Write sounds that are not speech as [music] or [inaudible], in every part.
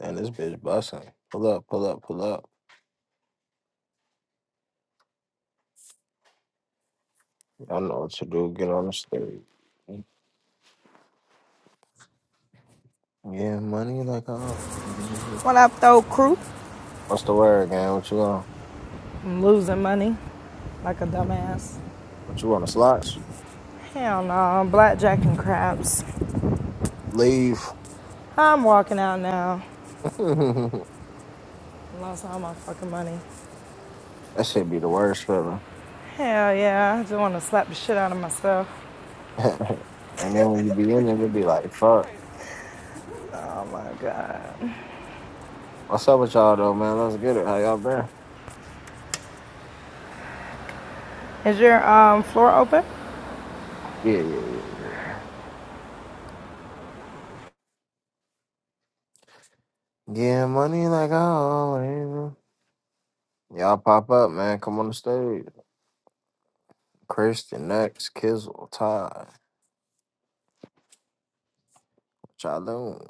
And this bitch busting. Pull up, pull up, pull up. Y'all know what to do. Get on the stage. Yeah, money like oh. When I throw crew, What's the word, gang? What you want? I'm losing money like a dumbass. What you want? The slots? Hell no, blackjack and craps. Leave. I'm walking out now. [laughs] that I Lost all my fucking money. should be the worst feeling. Hell yeah, I just want to slap the shit out of myself. [laughs] and then when you be in it, it be like, fuck. Oh My God. What's up with y'all though, man? Let's get it. How y'all been? Is your um, floor open? Yeah, yeah, yeah, yeah. Yeah, money like oh. Y'all pop up, man. Come on the stage. Christian, Next, Kizzle, Ty. What y'all doing?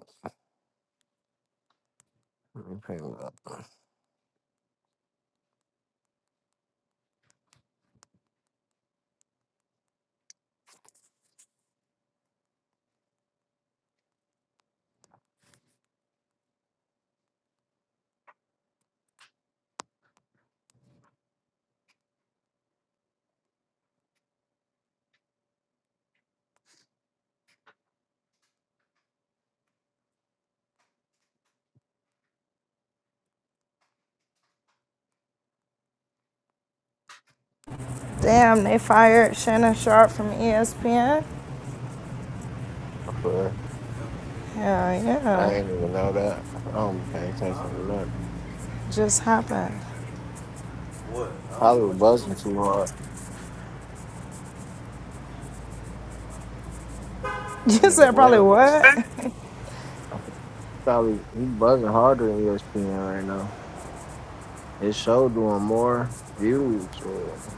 Let me pay me up. For- Damn, they fired Shannon Sharp from ESPN. sure. Hell I yeah, ain't even know that. I don't pay attention to nothing. just happened. [laughs] Probably was buzzing too hard. That You nigga said probably was what? probably he buzzing harder than ESPN right now. His show doing more views. Shit. Don't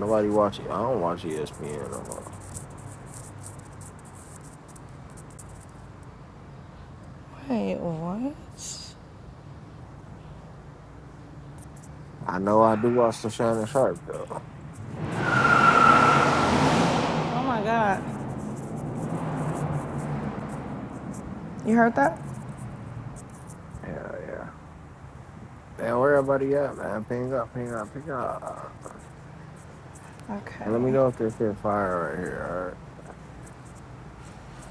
Nobody watch it. I don't watch ESPN no more. Wait, what? I know I do watch the Shannon Sharp though. Oh my God. You heard that? Yeah, yeah. Damn, where everybody at, man? Ping up, ping up, ping up. And let Okay. me know if they feel fire right here.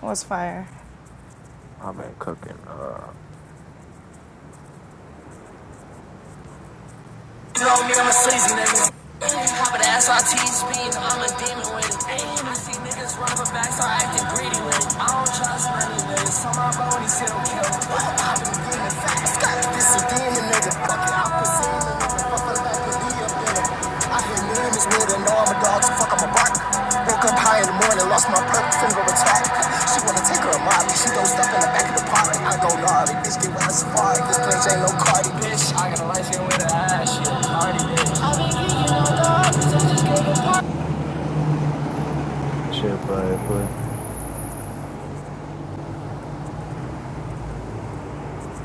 What's fire? All right. I've been cooking. Uh, Acting greedy with it. I don't trust money, nigga. So my bony still kill. Popping again and fast. This a demon, nigga. Fuck it, I put semen in it. Fuck it, I put D up in it. I hit demons with it. Know I'm a dog, so fuck, I'm a bark. Woke up high in the morning, lost my perk, finna go attack. She wanna take her a mommy, she gon' stop in the back of the park. I go gnarly, bitch, get with a safari. This bitch ain't no Cardi, bitch. I got a light skin with her ass, she a Cardi, bitch. I've been geeking on thoughts, I just gave a party. That shit play, play.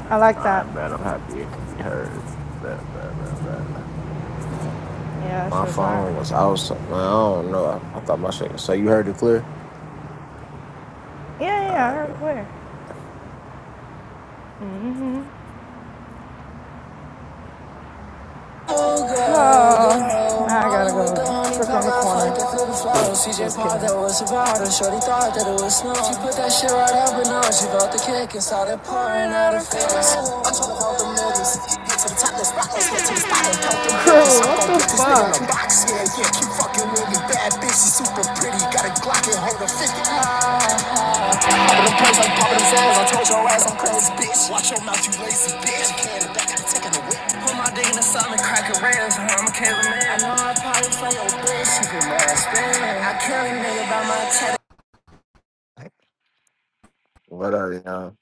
I like I that. bet I'm happy it could be heard. Bet, bet, bet, bet. Yeah, that My shit's hard. phone was outside. Man, I don't know. I, I thought my shit. So you heard it clear? Yeah, All yeah, I right, heard it bet. clear. Mm-hmm. Oh, girl, girl. Oh, now I Molly gotta with go the honey trick pack. on the I corner. fucked her through the flow. CJ Just Pod, that kidding. was about her. Shorty thought that it was snow. She put that shit right up and on. She felt the cake and started pouring out her face. I'm tryna hold them niggas. Head to the top, let's rock, let's head to the spot and count them 50s. Crew, I'm what gon' the put this nigga in fuck? a box, yeah, yeah. She fucking with me, bad bitch, she super pretty. Got a Glock and hold a 50. Poppin' them plays, i poppin' them sales. I told your ass I'm crazy, bitch. Watch your mouth, you lazy bitch. can't get back, I'm taking a whip. Put my dick in the stomach, crack a rails, I'm a killer I know I probably play your bitch, you can last man. I kill nigga by my tether. What up, y'all?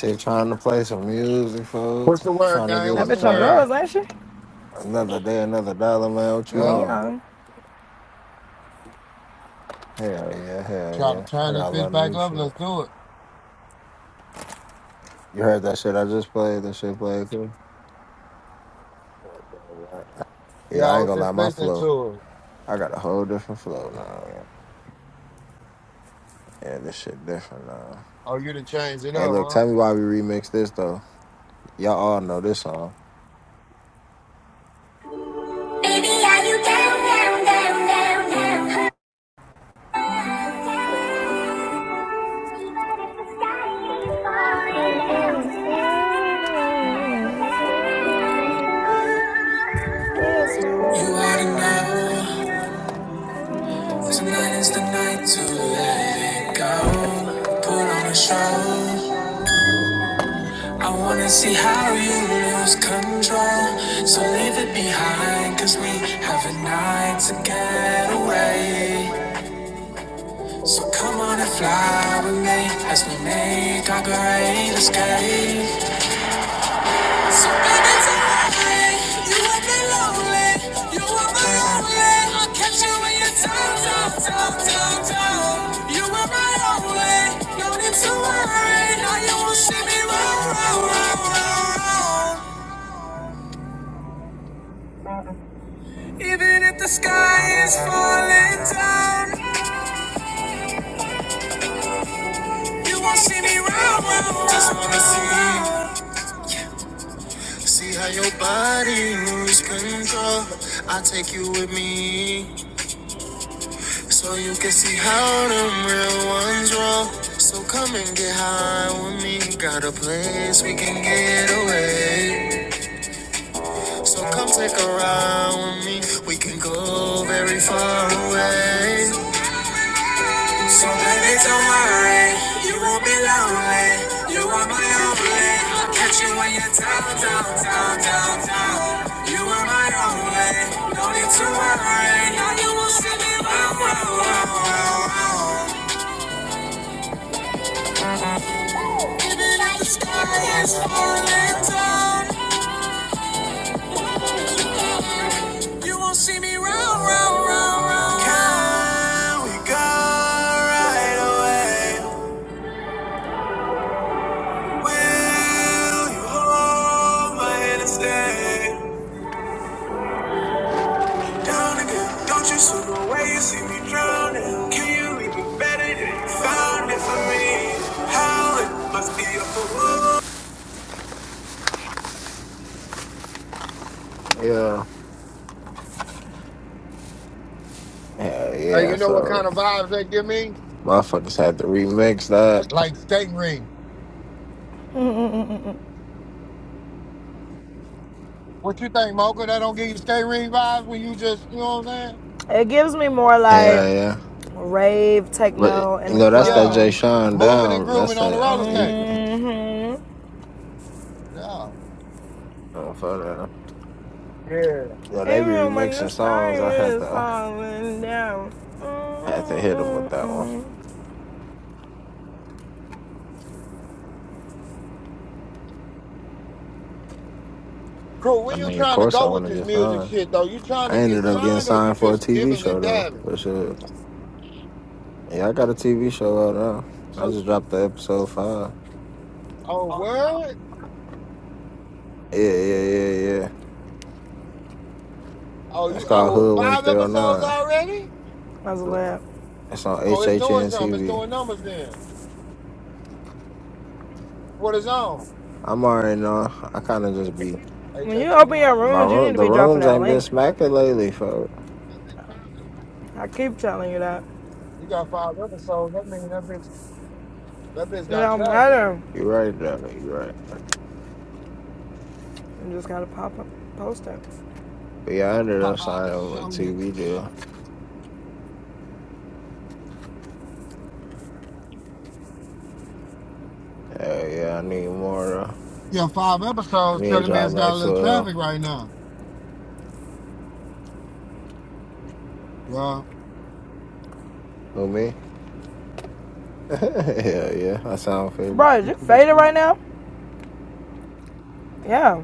She trying to play some music, fool. What's the word, Trying to gang? get That What's it the bitch on cracking. word? drugs, ain't she? Another day, another dollar, man. What you Hey, Yeah. on? young. Hell yeah, hell Try to yeah. I turn this got a bitch lot of back new up. shit. Let's do it. You heard that shit I just played? That shit played too? Yeah, Yeah, I I ain't was gonna lie, just my listening flow. to it. I got a whole different flow now. Yeah, this shit different now. Oh, you done changed it Hey, up, look, huh? tell me why we remixed this though. Y'all all know this song. Baby, are you down, down, down, down, down? He is You falling ought know down. tonight is the night to let it go. Put on a show. I wanna see how you lose control. So leave it behind, cause we have a night to get away. So come on and fly with me as we make our great escape. So baby, tonight, you and me lonely. You are my only. I'll catch you when you're down, down, down, down, down. You are my only. No need to worry. Now you will not see me round, round, round, round. round. Even if the sky is falling down, you won't see me round. round, Just wanna see, see how your body moves control. I take you with me, so you can see how them real ones roll. So come and get high with me. Got a place we can get away. So come take a ride with me. We can go very far away. So baby, don't worry, you won't be lonely. You are my only. I'll Catch you when you're down, down, down, down, down. You are my only. No need to worry. Now you will see me round, round, round, round, round. Even if the sky is falling down, you won't see me round, round, round, round. Can we go right away? Will you hold my hand and stay? down again. Don't you slip away, you see me drowning. Can you leave me better than you found it for me? How it must be a fool. Yeah, yeah, Hey, yeah. you know what So kind of vibes that give me? motherfuckers had to remix that. Like skate ring. What you think, Mocha? That don't give you skate ring vibes when you just, you know what I'm saying? It gives me more like Yeah, yeah. rave But techno you in the know that's that Yeah, Jay club. Sean moving and down. That's grooving on the the roller skate. Mhm. Yeah. uh, for the. Yeah. You know, they be Even when the remixing sky songs. I had is to, falling down. I had to hit them with that one. Mm-mm-mm. Cool. I When you mean, of trying to course, I go want with to this get music signed. shit, though, you trying to I get ended up getting signed or you signed for a just TV dibbing show and though. dabbing? But shit. Yeah, I got a TV show out now. I So, just dropped the episode five. oh, word? Yeah, yeah, yeah, yeah. Oh, It's you, called oh, Hoodwink five episodes 309. already? That's a Look, laugh. It's on Oh, it's doing HHN something. It's TV. doing numbers then. What is on? I'm already know. I kind of just be. Hey, When Ch- you open your My rooms, you need room, to the be dropping rooms that ain't been link. smacking lately, fuck. I keep telling you that. you got five episodes. That means that bitch, that bitch It got don't traffic. matter. You right, though. You right. You just gotta pop up, post it. But yeah, I Gotta ended pop up out signing and a show TV niggas. deal. Hell yeah, I need more, though. Yeah, five I episodes need a telling me job it's got a like little 12. traffic right now. Well, Who, me? [laughs] Hell yeah, I sound faded. Bro, is you it's like, faded you right now? Yeah.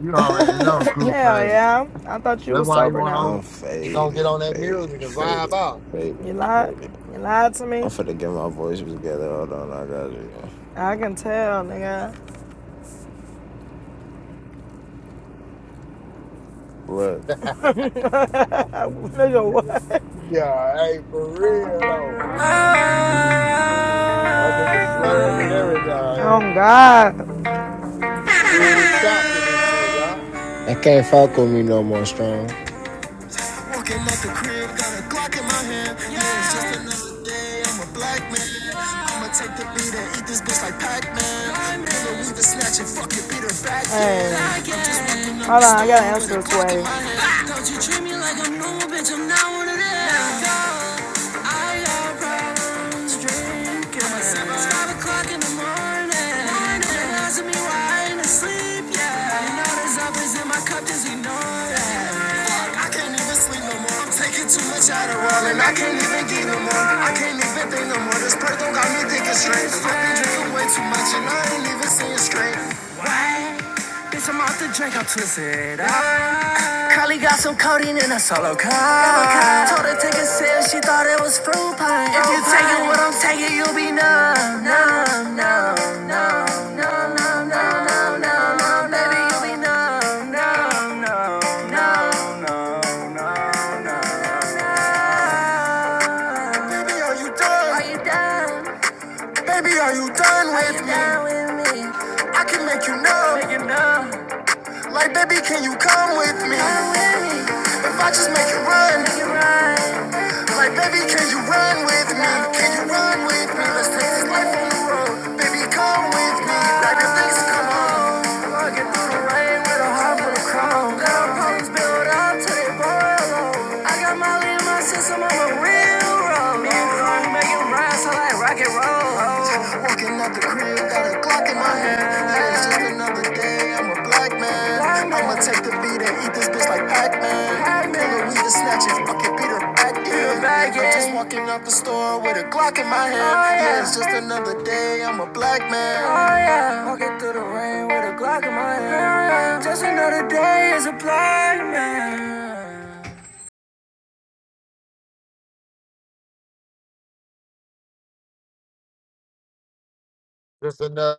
you already know, [laughs] crew Hell favorite. yeah. I thought you That's was why you sober want now. I'm over. You gonna get faded, on that music faded, and vibe faded, out. You faded, lied. faded. You lied to I'm me. finna get my voices together. Hold on, I got you. I can tell, nigga. Look. [laughs] nigga, what? Yeah, hey, for real though. My nigga slurred and Oh, everything. God. Screwed and chopped in this bitch, huh? I can't fuck with me no more, strong. Walking up the Chris snatching fucking Peter back Hey, hold on. I gotta door with answer a this Glock in way. my hand. Ah! Don't touch out of wall and I can't even get no more. I can't even think no more. This perk don't got me thinking straight. I've been drinking way too much and I ain't even seeing straight. Why? Bitch, I'm out the drink, I'm twisted. Ah. Carly got some codeine in a solo cup. Told her If you take it what I'm taking, you'll be numb, numb, numb, numb, numb, numb, numb, numb, numb, numb. Baby, you'll be numb, numb, numb, numb, numb, numb, numb. Baby, are you done? Are you- Baby, are you done Are with you me? done with me? I can make you numb. Make you numb. Like, baby, can you come with me? If I just make you run. Like, baby, can you run with me? Can you run with me? Let's take this life on the road. Baby, come with me. Like, if things come on. i get through the rain with a heart full of chrome. Down problems build up till they boil over. I got Molly in my system, I'm a real road. Me and Cardi making rhymes, I like rock and roll. Walking out the crib, got a Glock in my hand. It ain't just another day, I'm a black man. I'ma take the beat and eat this bitch like Pac-Man. Nigga, we just snatching fucking Peter back in. I'm just walking out the store with a Glock in my hand. Yeah, it's just another day, I'm a black man. Just another.